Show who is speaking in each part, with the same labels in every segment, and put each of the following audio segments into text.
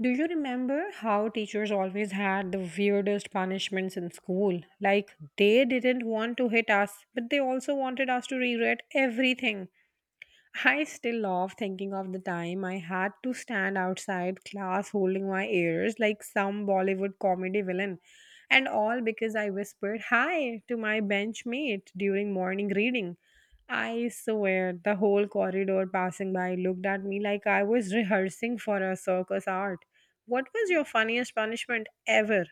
Speaker 1: Do you remember how teachers always had the weirdest punishments in school? Like, they didn't want to hit us, but they also wanted us to regret everything. I still love thinking of the time I had to stand outside class holding my ears like some Bollywood comedy villain, and all because I whispered hi to my benchmate during morning reading. I swear the whole corridor passing by looked at me like I was rehearsing for a circus art. What was your funniest punishment ever?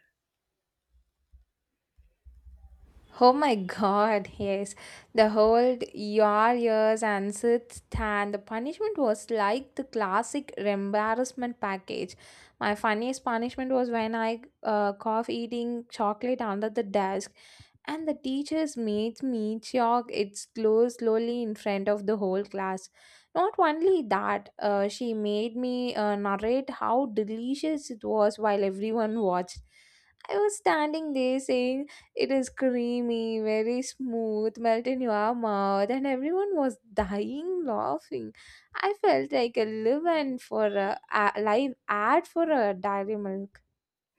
Speaker 2: Oh my god, yes. The whole your years and sit and the punishment was like the classic embarrassment package. My funniest punishment was when I cough eating chocolate under the desk and the teachers made me chalk it slow slowly in front of the whole class. Not only that, she made me narrate how delicious it was while everyone watched. I was standing there saying it is creamy, very smooth, melt in your mouth, and everyone was dying laughing. I felt like a live and for a live ad for a dairy milk.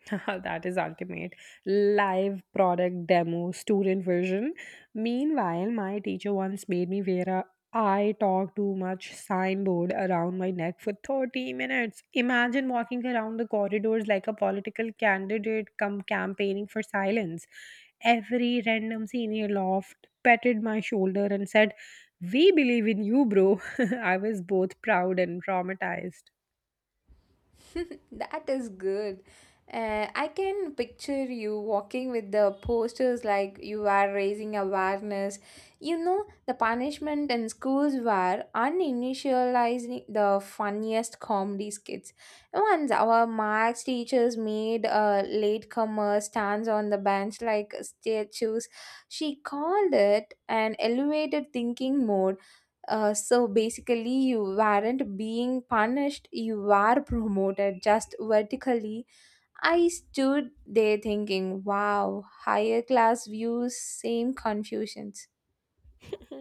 Speaker 1: That is ultimate. Live product demo, student version. Meanwhile, my teacher once made me wear a I talk too much signboard around my neck for 30 minutes. Imagine walking around the corridors like a political candidate come campaigning for silence. Every random senior laughed, patted my shoulder, and said, We believe in you, bro. I was both proud and traumatized.
Speaker 2: That is good. I can picture you walking with the posters like you are raising awareness. You know, the punishment in schools were uninitializing the funniest comedy skits. Once our marks teachers made a latecomer stands on the bench like statues, she called it an elevated thinking mode, so basically, you weren't being punished, you were promoted just vertically. I stood there thinking, wow, higher class views, same confusions.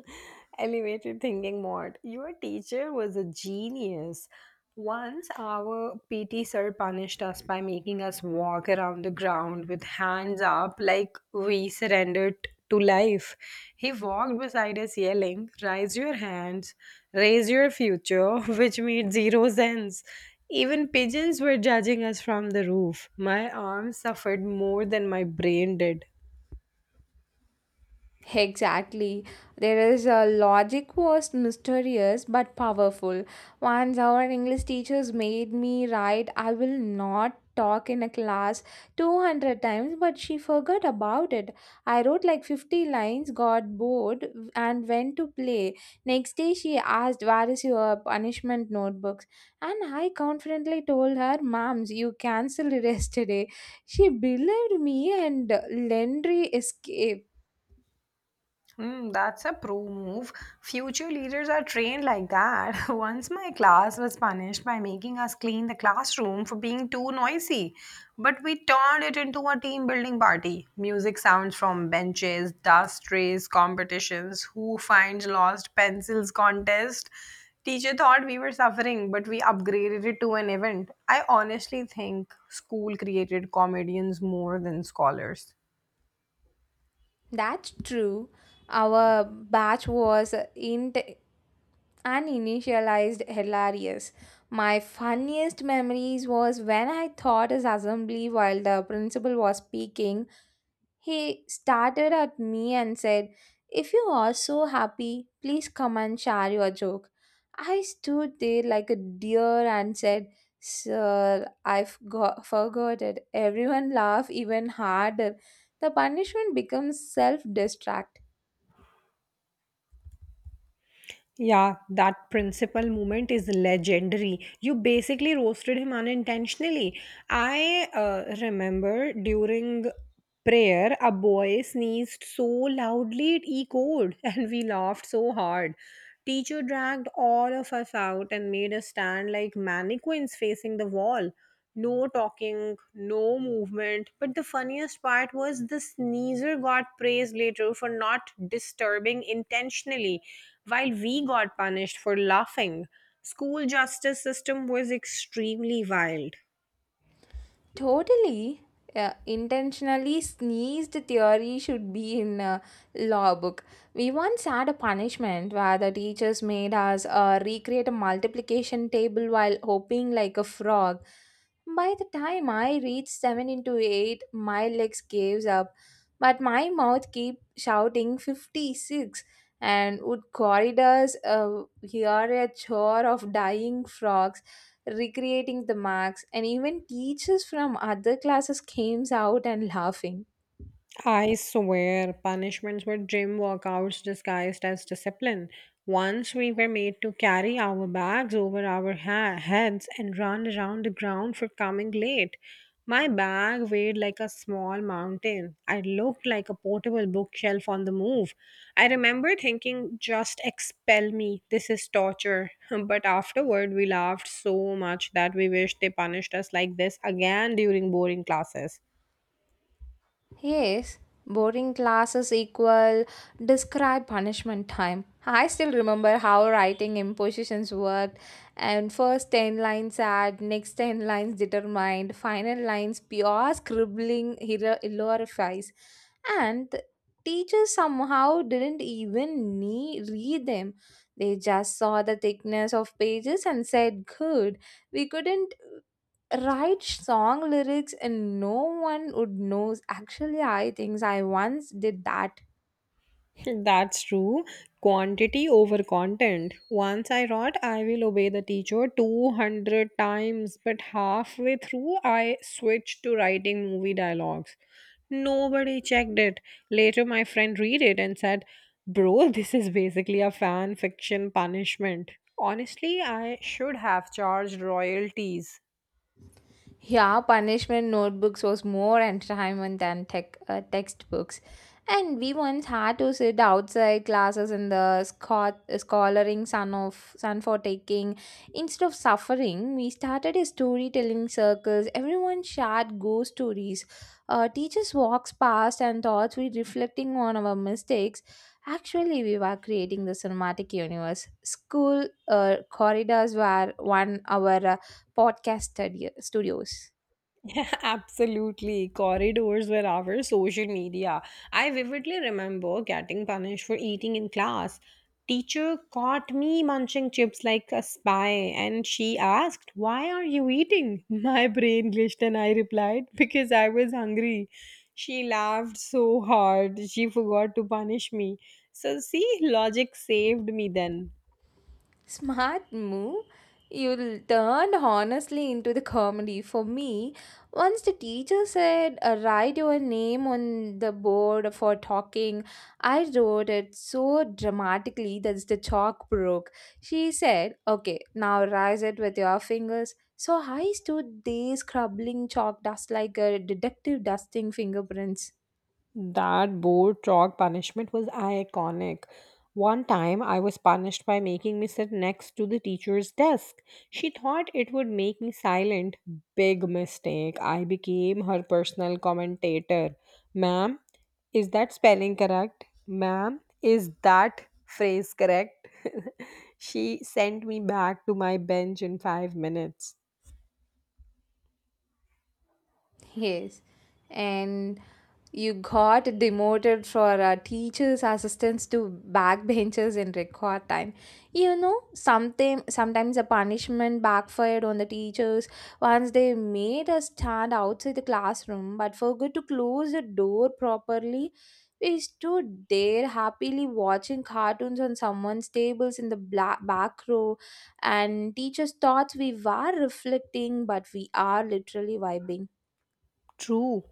Speaker 1: Elevated thinking mode. Your teacher was a genius. Once our PT sir punished us by making us walk around the ground with hands up like we surrendered to life. He walked beside us yelling, Raise your hands, raise your future, which made zero sense. Even pigeons were judging us from the roof. My arms suffered more than my brain did.
Speaker 2: Exactly. There is a logic was mysterious but powerful. Once our English teachers made me write, I will not talk in a class 200 times, but she forgot about it. I wrote like 50 lines, got bored, and went to play. Next day, she asked, where is your punishment notebooks? And I confidently told her, ma'ams, you cancelled yesterday. She believed me, and Lendry escaped.
Speaker 1: Hmm, that's a pro move. Future leaders are trained like that. Once my class was punished by making us clean the classroom for being too noisy, but we turned it into a team building party. Music sounds from benches, dust race competitions, who finds lost pencils contest. Teacher thought we were suffering, but we upgraded it to an event. I honestly think school created comedians more than scholars.
Speaker 2: That's true. Our batch was in uninitialized hilarious. My funniest memories was when I taught his assembly while the principal was speaking. He started at me and said, if you are so happy, please come and share your joke. I stood there like a deer and said, sir, forgot it. Everyone laughed even harder. The punishment becomes self destruct.
Speaker 1: Yeah, that principal moment is legendary. You basically roasted him unintentionally. I remember during prayer, a boy sneezed so loudly it echoed, and we laughed so hard. Teacher dragged all of us out and made us stand like mannequins facing the wall. No talking, no movement. But the funniest part was the sneezer got praised later for not disturbing intentionally, while we got punished for laughing. School justice system was extremely wild.
Speaker 2: Totally. Intentionally sneezed theory should be in a law book. We once had a punishment where the teachers made us recreate a multiplication table while hopping like a frog. By the time I reached 7 into 8, my legs gave up, but my mouth kept shouting 56, and would corridors hear a chore of dying frogs recreating the marks, and even teachers from other classes came out and laughing.
Speaker 1: I swear, punishments were gym workouts disguised as discipline. Once we were made to carry our bags over our heads and run around the ground for coming late. My bag weighed like a small mountain. I looked like a portable bookshelf on the move. I remember thinking, just expel me. This is torture. But afterward, we laughed so much that we wished they punished us like this again during boring classes.
Speaker 2: Yes, boring classes equal describe punishment time. I still remember how writing impositions worked, and first 10 lines add, next 10 lines determined, final lines pure scribbling glorifies. And the teachers somehow didn't even read them. They just saw the thickness of pages and said, good. We couldn't write song lyrics and no one would knows. Actually, I think I once did that.
Speaker 1: That's true. Quantity over content. Once I wrote, I will obey the teacher 200 times, but halfway through, I switched to writing movie dialogues. Nobody checked it. Later, my friend read it and said, Bro, this is basically a fan fiction punishment. Honestly, I should have charged royalties.
Speaker 2: Yeah, punishment notebooks was more entertainment than textbooks. And we once had to sit outside classes in the scholaring sun of sun for taking. Instead of suffering, we started a storytelling circles. Everyone shared ghost stories. Teachers walks past and thought we reflecting on our mistakes. Actually, we were creating the cinematic universe. School corridors were 1 hour podcast studios.
Speaker 1: Yeah, absolutely. Corridors were our social media. I vividly remember getting punished for eating in class. Teacher caught me munching chips like a spy and she asked, Why are you eating? My brain glitched and I replied, Because I was hungry. She laughed so hard, she forgot to punish me. So, see, logic saved me then.
Speaker 2: Smart move. You turned honestly into the comedy. For me, once the teacher said, write your name on the board for talking, I wrote it so dramatically that the chalk broke. She said, okay, now rise it with your fingers. So I stood there scrubbing chalk dust like a detective dusting fingerprints.
Speaker 1: That board chalk punishment was iconic. One time I was punished by making me sit next to the teacher's desk. She thought it would make me silent. Big mistake. I became her personal commentator. Ma'am, is that spelling correct? Ma'am, is that phrase correct? She sent me back to my bench in 5 minutes.
Speaker 2: Yes, and you got demoted for teachers' assistants to backbenchers in record time. You know, something sometimes the punishment backfired on the teachers once they made us stand outside the classroom, but forgot to close the door properly. We stood there happily watching cartoons on someone's tables in the back row, and teachers thought we were reflecting, but we are literally vibing.
Speaker 1: True.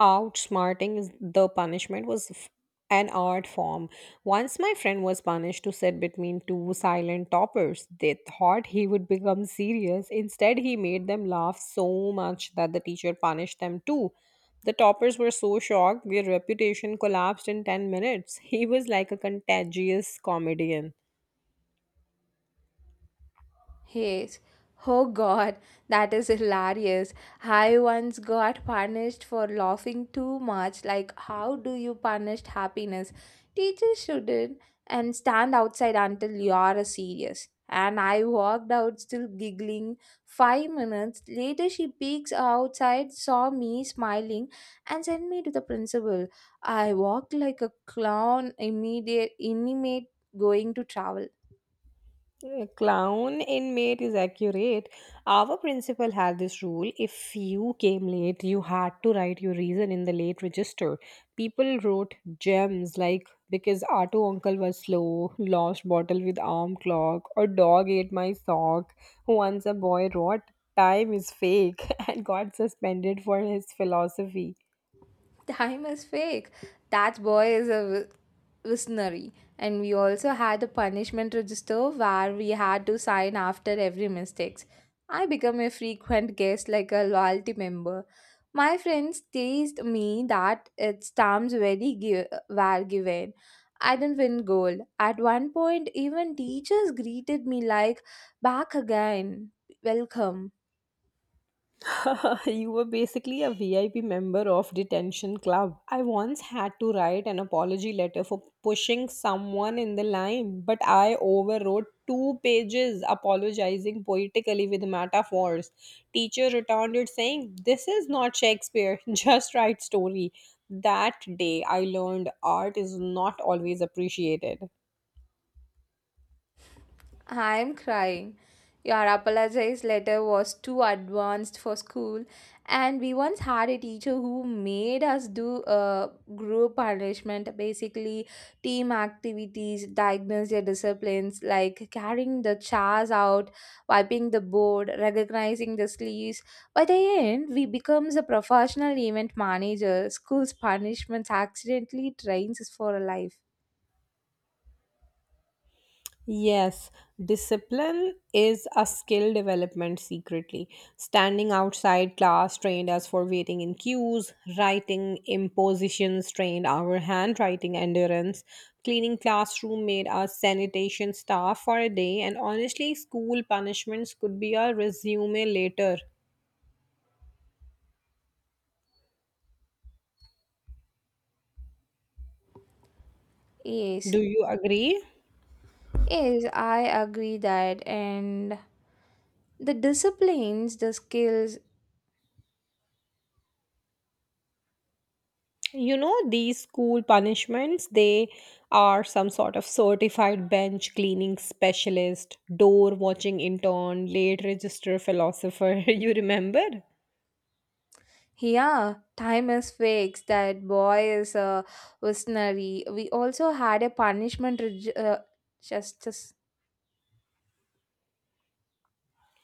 Speaker 1: Outsmarting is the punishment was an art form. Once my friend was punished to sit between two silent toppers. They thought he would become serious. Instead, he made them laugh so much that the teacher punished them too. The toppers were so shocked their reputation collapsed in 10 minutes. He was like a contagious comedian.
Speaker 2: Yes. Oh god, that is hilarious. I once got punished for laughing too much. Like, how do you punish happiness? Teachers shouldn't and stand outside until you're serious. And I walked out still giggling. 5 minutes later, she peeks outside, saw me smiling, and sent me to the principal. I walked like a clown, immediate, intimate, going to travel.
Speaker 1: Clown inmate is accurate. Our principal had this rule if you came late, you had to write your reason in the late register. People wrote gems like because auto uncle was slow, lost bottle with arm clock, or dog ate my sock. Once a boy wrote time is fake and got suspended for his philosophy.
Speaker 2: Time is fake. That boy is a visionary. And we also had a punishment register where we had to sign after every mistakes. I become a frequent guest like a loyalty member. My friends teased me that its terms very were given. I didn't win gold. At one point, even teachers greeted me like, back again, welcome.
Speaker 1: You were basically a VIP member of detention club. I once had to write an apology letter for pushing someone in the line, but I overwrote two pages apologizing poetically with metaphors. Teacher returned it saying, "This is not Shakespeare. Just write story." That day I learned art is not always appreciated.
Speaker 2: I'm crying. Your apologize letter was too advanced for school, and we once had a teacher who made us do group punishment, basically team activities, diagnose your disciplines like carrying the chairs out, wiping the board, recognizing the sleeves. By the end, we becomes a professional event manager. School's punishments accidentally trains us for life.
Speaker 1: Yes, discipline is a skill development secretly. Standing outside class trained us for waiting in queues, writing impositions trained our handwriting endurance, cleaning classroom made us sanitation staff for a day, and honestly, school punishments could be a resume later.
Speaker 2: Yes,
Speaker 1: Do you agree?
Speaker 2: yes, I agree that, and the disciplines, the skills.
Speaker 1: You know, these school punishments, they are some sort of certified bench cleaning specialist, door watching intern, late register philosopher. You remember?
Speaker 2: Yeah, time is fixed. That boy is a visionary. We also had a punishment justice.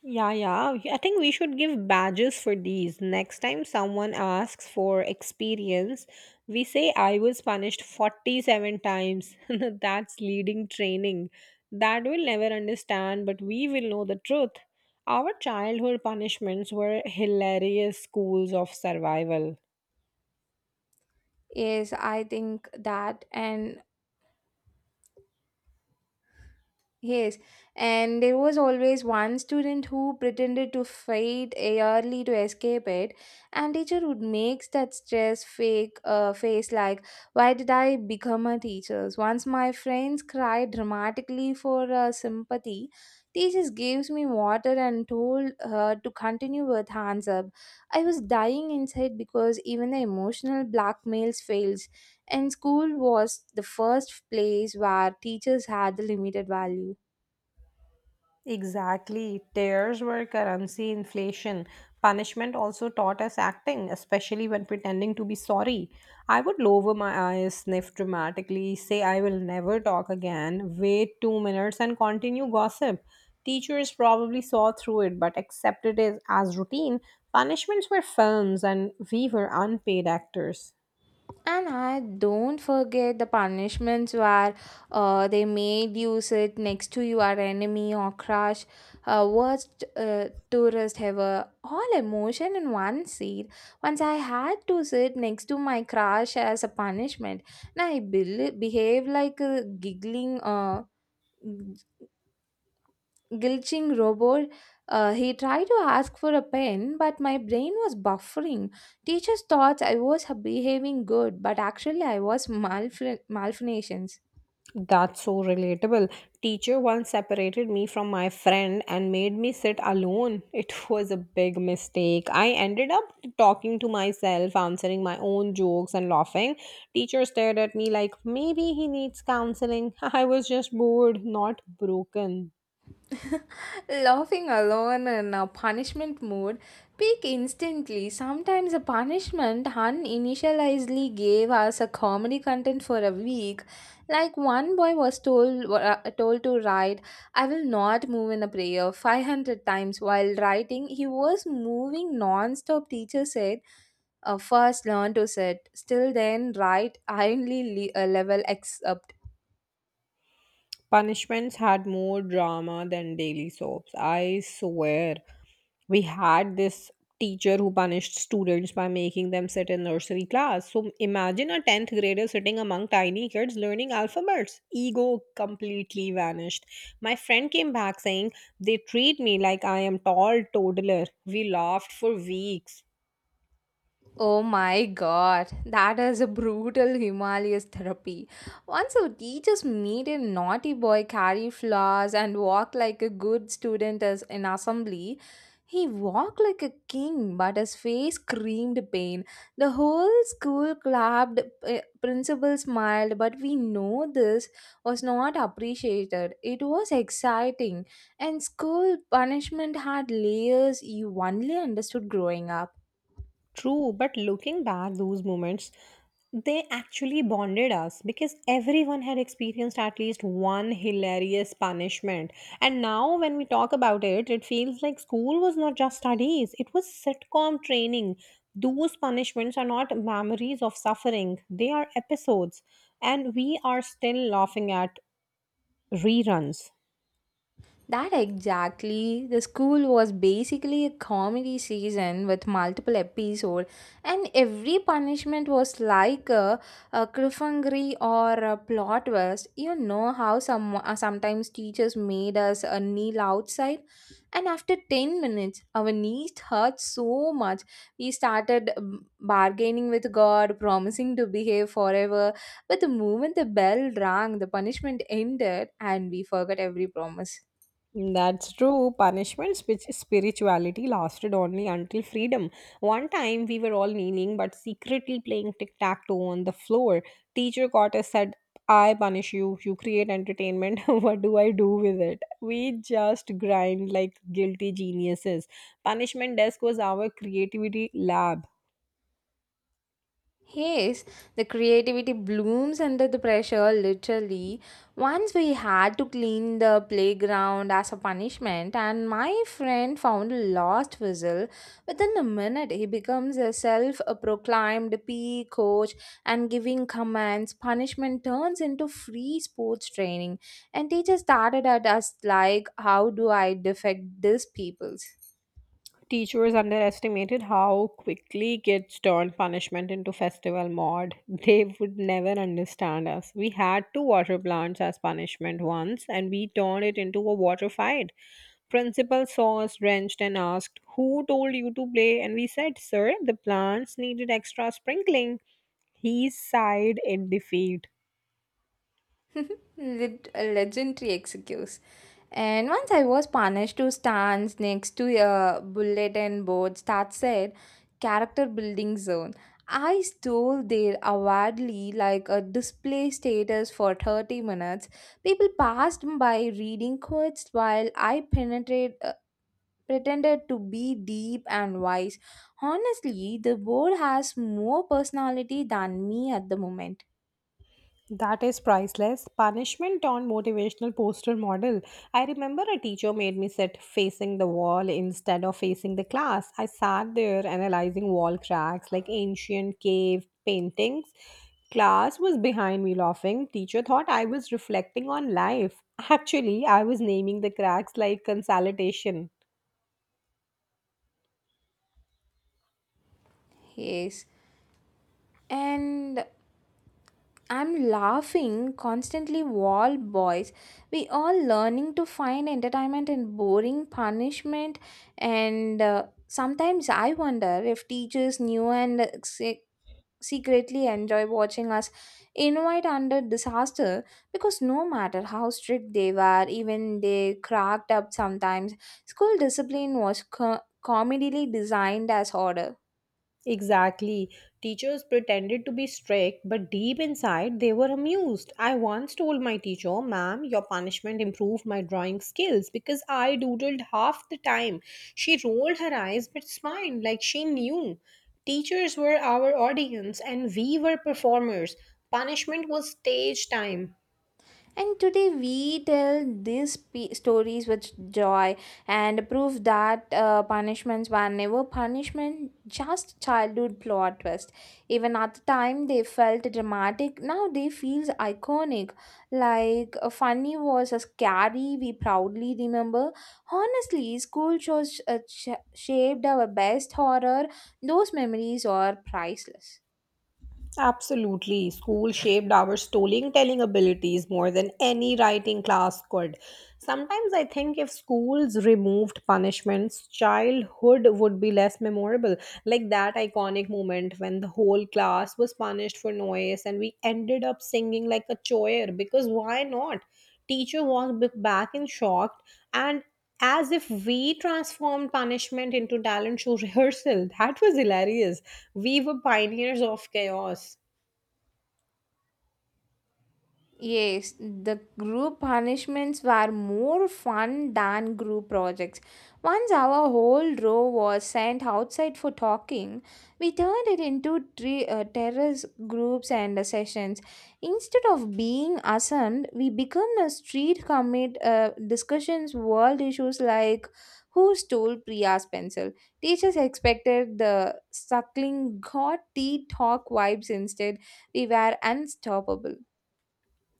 Speaker 1: Yeah, yeah. I think we should give badges for these. Next time someone asks for experience, we say, I was punished 47 times. That's leading training. That will never understand, but we will know the truth. Our childhood punishments were hilarious schools of survival.
Speaker 2: Yes, I think that. And yes, and there was always one student who pretended to fight early to escape it, and teacher would make that stress fake face like, "Why did I become a teacher?" Once my friends cried dramatically for sympathy. Teachers gave me water and told her to continue with hands up. I was dying inside because even the emotional blackmails fails, and school was the first place where teachers had the limited value.
Speaker 1: Exactly. Tears were currency inflation. Punishment also taught us acting, especially when pretending to be sorry. I would lower my eyes, sniff dramatically, say I will never talk again, wait 2 minutes, and continue gossip. Teachers probably saw through it but accepted it as routine. Punishments were films, and we were unpaid actors.
Speaker 2: And I don't forget the punishments where they made you sit next to your enemy or crush, worst tourist ever. All emotion in one seat. Once I had to sit next to my crush as a punishment, and I behaved like a giggling glitching robot. He tried to ask for a pen, but my brain was buffering. Teachers thought I was behaving good, but actually I was malfunctioning.
Speaker 1: That's so relatable. Teacher once separated me from my friend and made me sit alone. It was a big mistake. I ended up talking to myself, answering my own jokes and laughing. Teacher stared at me like maybe he needs counseling. I was just bored, not broken.
Speaker 2: Laughing alone in a punishment mode, peak instantly. Sometimes a punishment Han initially gave us a comedy content for a week. Like one boy was told to write, "I will not move in a prayer" 500 times while writing. He was moving non-stop. Teacher said, "First learn to sit, still then write." Ironly level X up.
Speaker 1: Punishments had more drama than daily soaps. I swear, we had this teacher who punished students by making them sit in nursery class, so imagine a 10th grader sitting among tiny kids learning alphabets, ego completely vanished. My friend came back saying they treat me like I am tall toddler. We laughed for weeks.
Speaker 2: Oh my god, that is a brutal Himalayas therapy. Once our teachers made a naughty boy carry flowers and walk like a good student as in assembly. He walked like a king, but his face screamed pain. The whole school clapped, principal smiled, but we know this was not appreciated. It was exciting, and school punishment had layers you only understood growing up.
Speaker 1: True, but looking back, those moments they actually bonded us because everyone had experienced at least one hilarious punishment. And now, when we talk about it, it feels like school was not just studies, it was sitcom training. Those punishments are not memories of suffering, they are episodes, and we are still laughing at reruns.
Speaker 2: That exactly. The school was basically a comedy season with multiple episodes, and every punishment was like a cliffhanger or a plot twist. You know how some sometimes teachers made us kneel outside, and after 10 minutes, our knees hurt so much. We started bargaining with God, promising to behave forever. But the moment the bell rang, the punishment ended, and we forgot every promise.
Speaker 1: That's true. Punishment spirituality lasted only until freedom. One time we were all kneeling but secretly playing tic tac toe on the floor. Teacher caught us, said, I punish you, you create entertainment. What do I do with it? We just grind like guilty geniuses. Punishment desk was our creativity lab.
Speaker 2: Yes, the creativity blooms under the pressure, literally. Once we had to clean the playground as a punishment, and my friend found a lost whistle. Within a minute, he becomes a self proclaimed PE coach and giving commands. Punishment turns into free sports training, and teachers started at us like, how do I defect these peoples?
Speaker 1: Teachers underestimated how quickly kids turned punishment into festival mode. They would never understand us. We had two water plants as punishment once, and we turned it into a water fight. Principal saw us drenched and asked, Who told you to play? And we said, Sir, the plants needed extra sprinkling. He sighed in defeat.
Speaker 2: A legendary excuse. And once I was punished to stand next to a bulletin board that said character building zone. I stole there awardly like a display status for 30 minutes. People passed by reading quotes while I pretended to be deep and wise. Honestly, the board has more personality than me at the moment.
Speaker 1: That is priceless. Punishment on motivational poster model. I remember a teacher made me sit facing the wall instead of facing the class. I sat there analyzing wall cracks like ancient cave paintings. Class was behind me laughing. Teacher thought I was reflecting on life. Actually, I was naming the cracks like consolidation.
Speaker 2: Yes. And I'm laughing constantly wall boys. We all learning to find entertainment in boring punishment, and sometimes I wonder if teachers knew and secretly enjoy watching us invite under disaster because no matter how strict they were even they cracked up sometimes. School discipline was comedily designed as order.
Speaker 1: Exactly. Teachers pretended to be strict, but deep inside they were amused. I once told my teacher, Ma'am, your punishment improved my drawing skills because I doodled half the time. She rolled her eyes but smiled like she knew. Teachers were our audience and we were performers. Punishment was stage time.
Speaker 2: And today we tell these pe stories with joy and prove that punishments were never punishment, just childhood plot twist. Even at the time they felt dramatic, now they feel iconic. Like funny was a scary we proudly remember. Honestly, school shows shaped our best horror. Those memories are priceless.
Speaker 1: Absolutely. School shaped our storytelling abilities more than any writing class could. Sometimes I think if schools removed punishments, childhood would be less memorable. Like that iconic moment when the whole class was punished for noise and we ended up singing like a choir because why not? Teacher walked back in shock and as if we transformed punishment into talent show rehearsal. That was hilarious. We were pioneers of chaos.
Speaker 2: Yes, the group punishments were more fun than group projects. Once our whole row was sent outside for talking, we turned it into three terrace groups and sessions. Instead of being assumed, we become a street commit discussions world issues like who stole Priya's pencil. Teachers expected the suckling god tea talk vibes instead. We were unstoppable.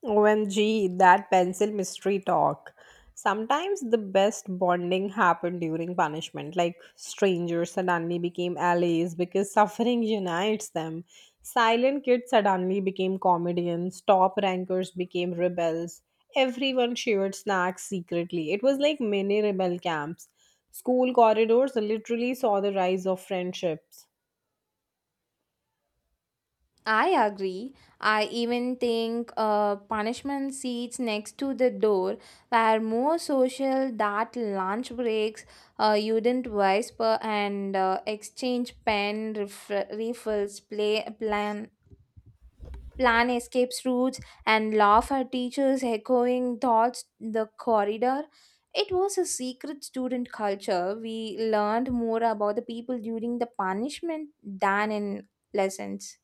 Speaker 1: OMG, that pencil mystery talk. Sometimes the best bonding happened during punishment, like strangers suddenly became allies because suffering unites them. Silent kids suddenly became comedians, top rankers became rebels. Everyone shared snacks secretly. It was like mini rebel camps. School corridors literally saw the rise of friendships.
Speaker 2: I agree. I even think punishment seats next to the door were more social that lunch breaks, you didn't whisper and exchange pen refills, play plan plan escape routes and laugh at teachers echoing thoughts the corridor. It was a secret student culture. We learned more about the people during the punishment than in lessons.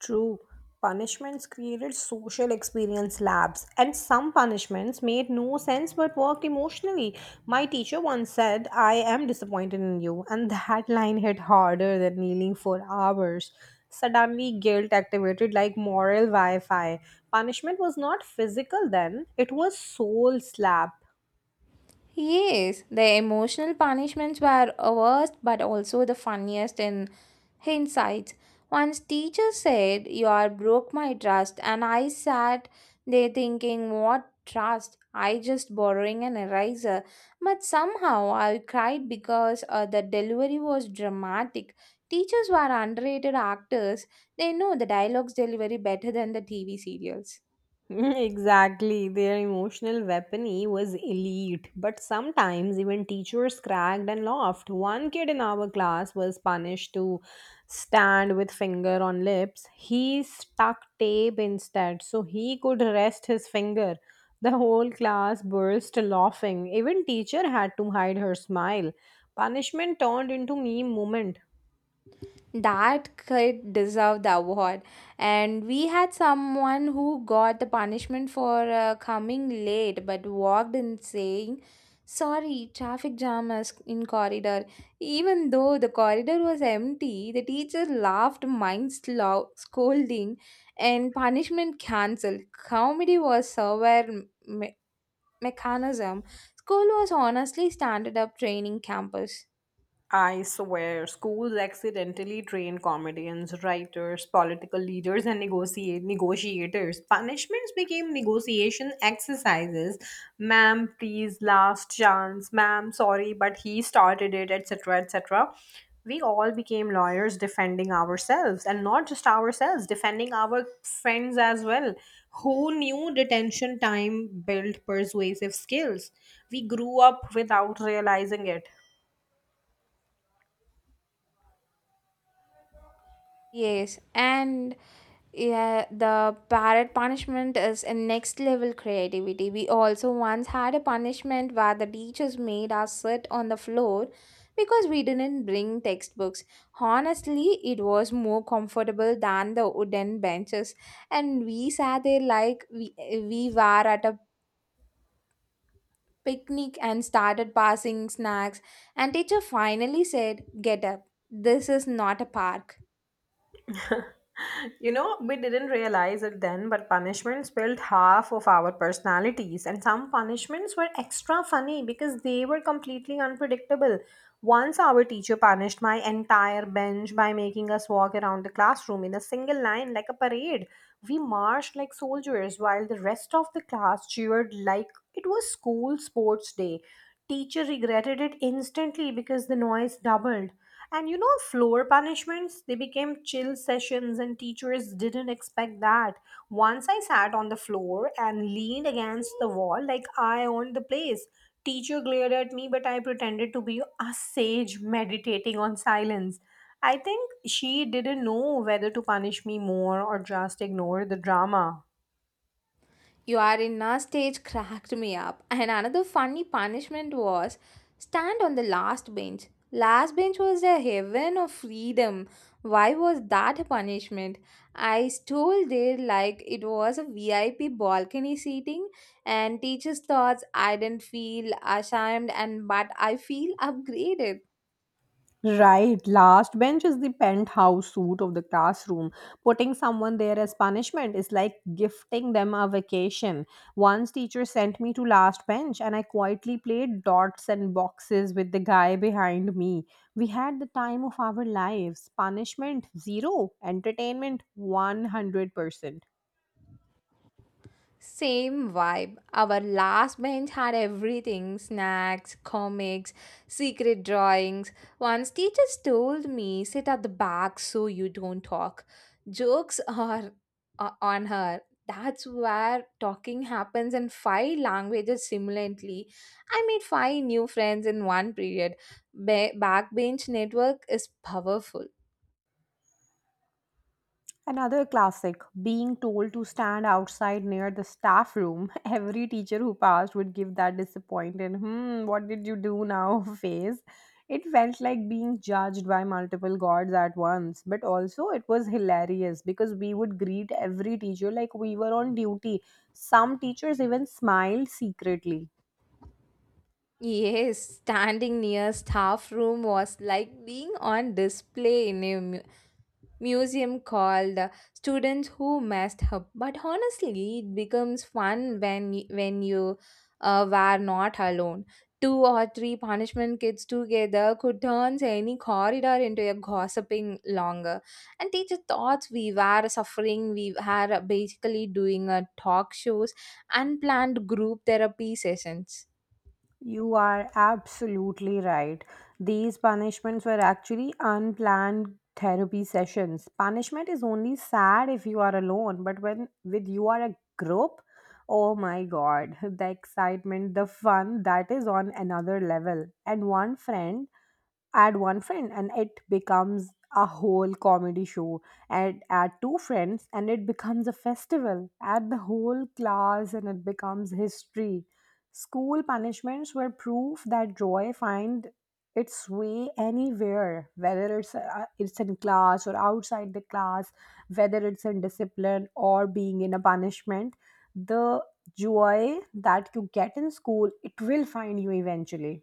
Speaker 1: True. Punishments created social experience labs, and some punishments made no sense but worked emotionally. My teacher once said, I am disappointed in you, and that line hit harder than kneeling for hours. Suddenly, guilt activated like moral Wi Fi. Punishment was not physical then, it was soul slap.
Speaker 2: Yes, the emotional punishments were a worst but also the funniest in hindsight. Once teacher said, you are broke my trust and I sat there thinking what trust? I just borrowing an eraser. But somehow I cried because the delivery was dramatic. Teachers were underrated actors. They know the dialogues delivery better than the TV serials.
Speaker 1: Exactly. Their emotional weaponry was elite, but sometimes even teachers cracked and laughed. One kid in our class was punished to stand with finger on lips. He stuck tape instead, so he could rest his finger. The whole class burst laughing. Even teacher had to hide her smile. Punishment turned into meme moment.
Speaker 2: That kid deserved the award, and we had someone who got the punishment for coming late but walked in saying sorry traffic jam is in corridor even though the corridor was empty. The teacher laughed mind slow scolding, and punishment cancelled comedy was server mechanism. School was honestly standard up training campus.
Speaker 1: I swear, schools accidentally train comedians, writers, political leaders, and negotiate negotiators. Punishments became negotiation exercises. Ma'am, please, last chance. Ma'am, sorry, but he started it, etc., etc. We all became lawyers defending ourselves, and not just ourselves, defending our friends as well. Who knew detention time built persuasive skills? We grew up without realizing it.
Speaker 2: Yes, and yeah, the parrot punishment is a next level creativity. We also once had a punishment where the teachers made us sit on the floor because we didn't bring textbooks. Honestly, it was more comfortable than the wooden benches, and we sat there like we were at a picnic and started passing snacks. And teacher finally said, "Get up. This is not a park."
Speaker 1: You know, we didn't realize it then, but punishments built half of our personalities, and some punishments were extra funny because they were completely unpredictable. Once our teacher punished my entire bench by making us walk around the classroom in a single line like a parade. We marched like soldiers while the rest of the class cheered like it was school sports day. Teacher regretted it instantly because the noise doubled. And you know, floor punishments, they became chill sessions, and teachers didn't expect that. Once I sat on the floor and leaned against the wall like I owned the place. Teacher glared at me, but I pretended to be a sage meditating on silence. I think she didn't know whether to punish me more or just ignore the drama.
Speaker 2: You are in a stage cracked me up. And another funny punishment was stand on the last bench. Last bench was a heaven of freedom. Why was that a punishment? I stood there like it was a VIP balcony seating, and teachers thought I didn't feel ashamed, and but I feel upgraded.
Speaker 1: Right, last bench is the penthouse suite of the classroom. Putting someone there as punishment is like gifting them a vacation. Once teacher sent me to last bench and I quietly played dots and boxes with the guy behind me. We had the time of our lives. Punishment 0, entertainment 100%.
Speaker 2: Same vibe. Our last bench had everything snacks, comics, secret drawings. Once teachers told me, sit at the back so you don't talk. Jokes are on her. That's where talking happens in five languages simultaneously. I made five new friends in one period. Backbench network is powerful.
Speaker 1: Another classic being told to stand outside near the staff room. Every teacher who passed would give that disappointed, hmm, what did you do now face. It felt like being judged by multiple gods at once, but also it was hilarious because we would greet every teacher like we were on duty. Some teachers even smiled secretly.
Speaker 2: Yes, standing near staff room was like being on display in a museum called Students Who Messed Up. But honestly, it becomes fun when when you were not alone. Two or three punishment kids together could turn any corridor into a gossiping longer. And teacher thought we were suffering. We were basically doing a talk shows, unplanned group therapy sessions.
Speaker 1: You are absolutely right. These punishments were actually unplanned therapy sessions. Punishment is only sad if you are alone, but when with you are a group, oh my god, the excitement, the fun that is on another level. And one friend and it becomes a whole comedy show, and add two friends and it becomes a festival, add the whole class and it becomes history. School punishments were proof that joy find its way anywhere, whether it's in class or outside the class, whether it's in discipline or being in a punishment, the joy that you get in school, it will find you eventually.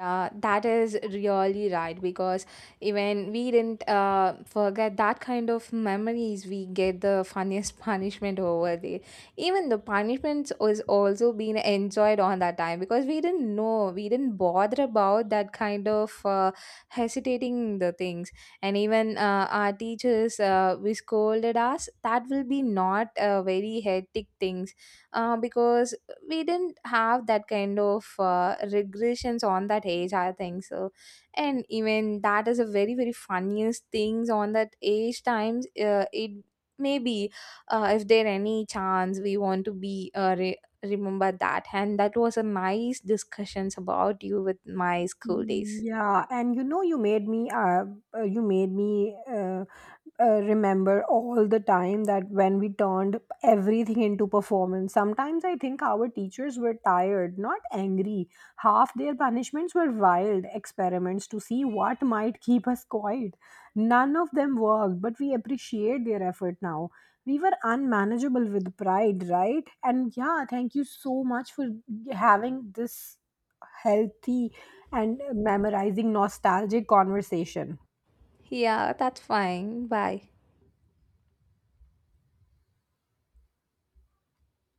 Speaker 2: That is really right because even we didn't forget that kind of memories we get the funniest punishment over there even the punishments was also being enjoyed on that time because we didn't know we didn't bother about that kind of hesitating the things and even our teachers we scolded us that will be not very hectic things because we didn't have that kind of regressions on that age I think so and even that is a very funniest things on that age times it maybe if there any chance we want to be remember that. And that was a nice discussions about you with my school days.
Speaker 1: Yeah, and you know, you made me, uh, you made me uh, remember all the time that when we turned everything into performance. Sometimes I think our teachers were tired, not angry. Half their punishments were wild experiments to see what might keep us quiet. None of them worked, but we appreciate their effort now. We were unmanageable with pride, right? And yeah, thank you so much for having this healthy and memorizing nostalgic conversation.
Speaker 2: Yeah, that's fine. Bye.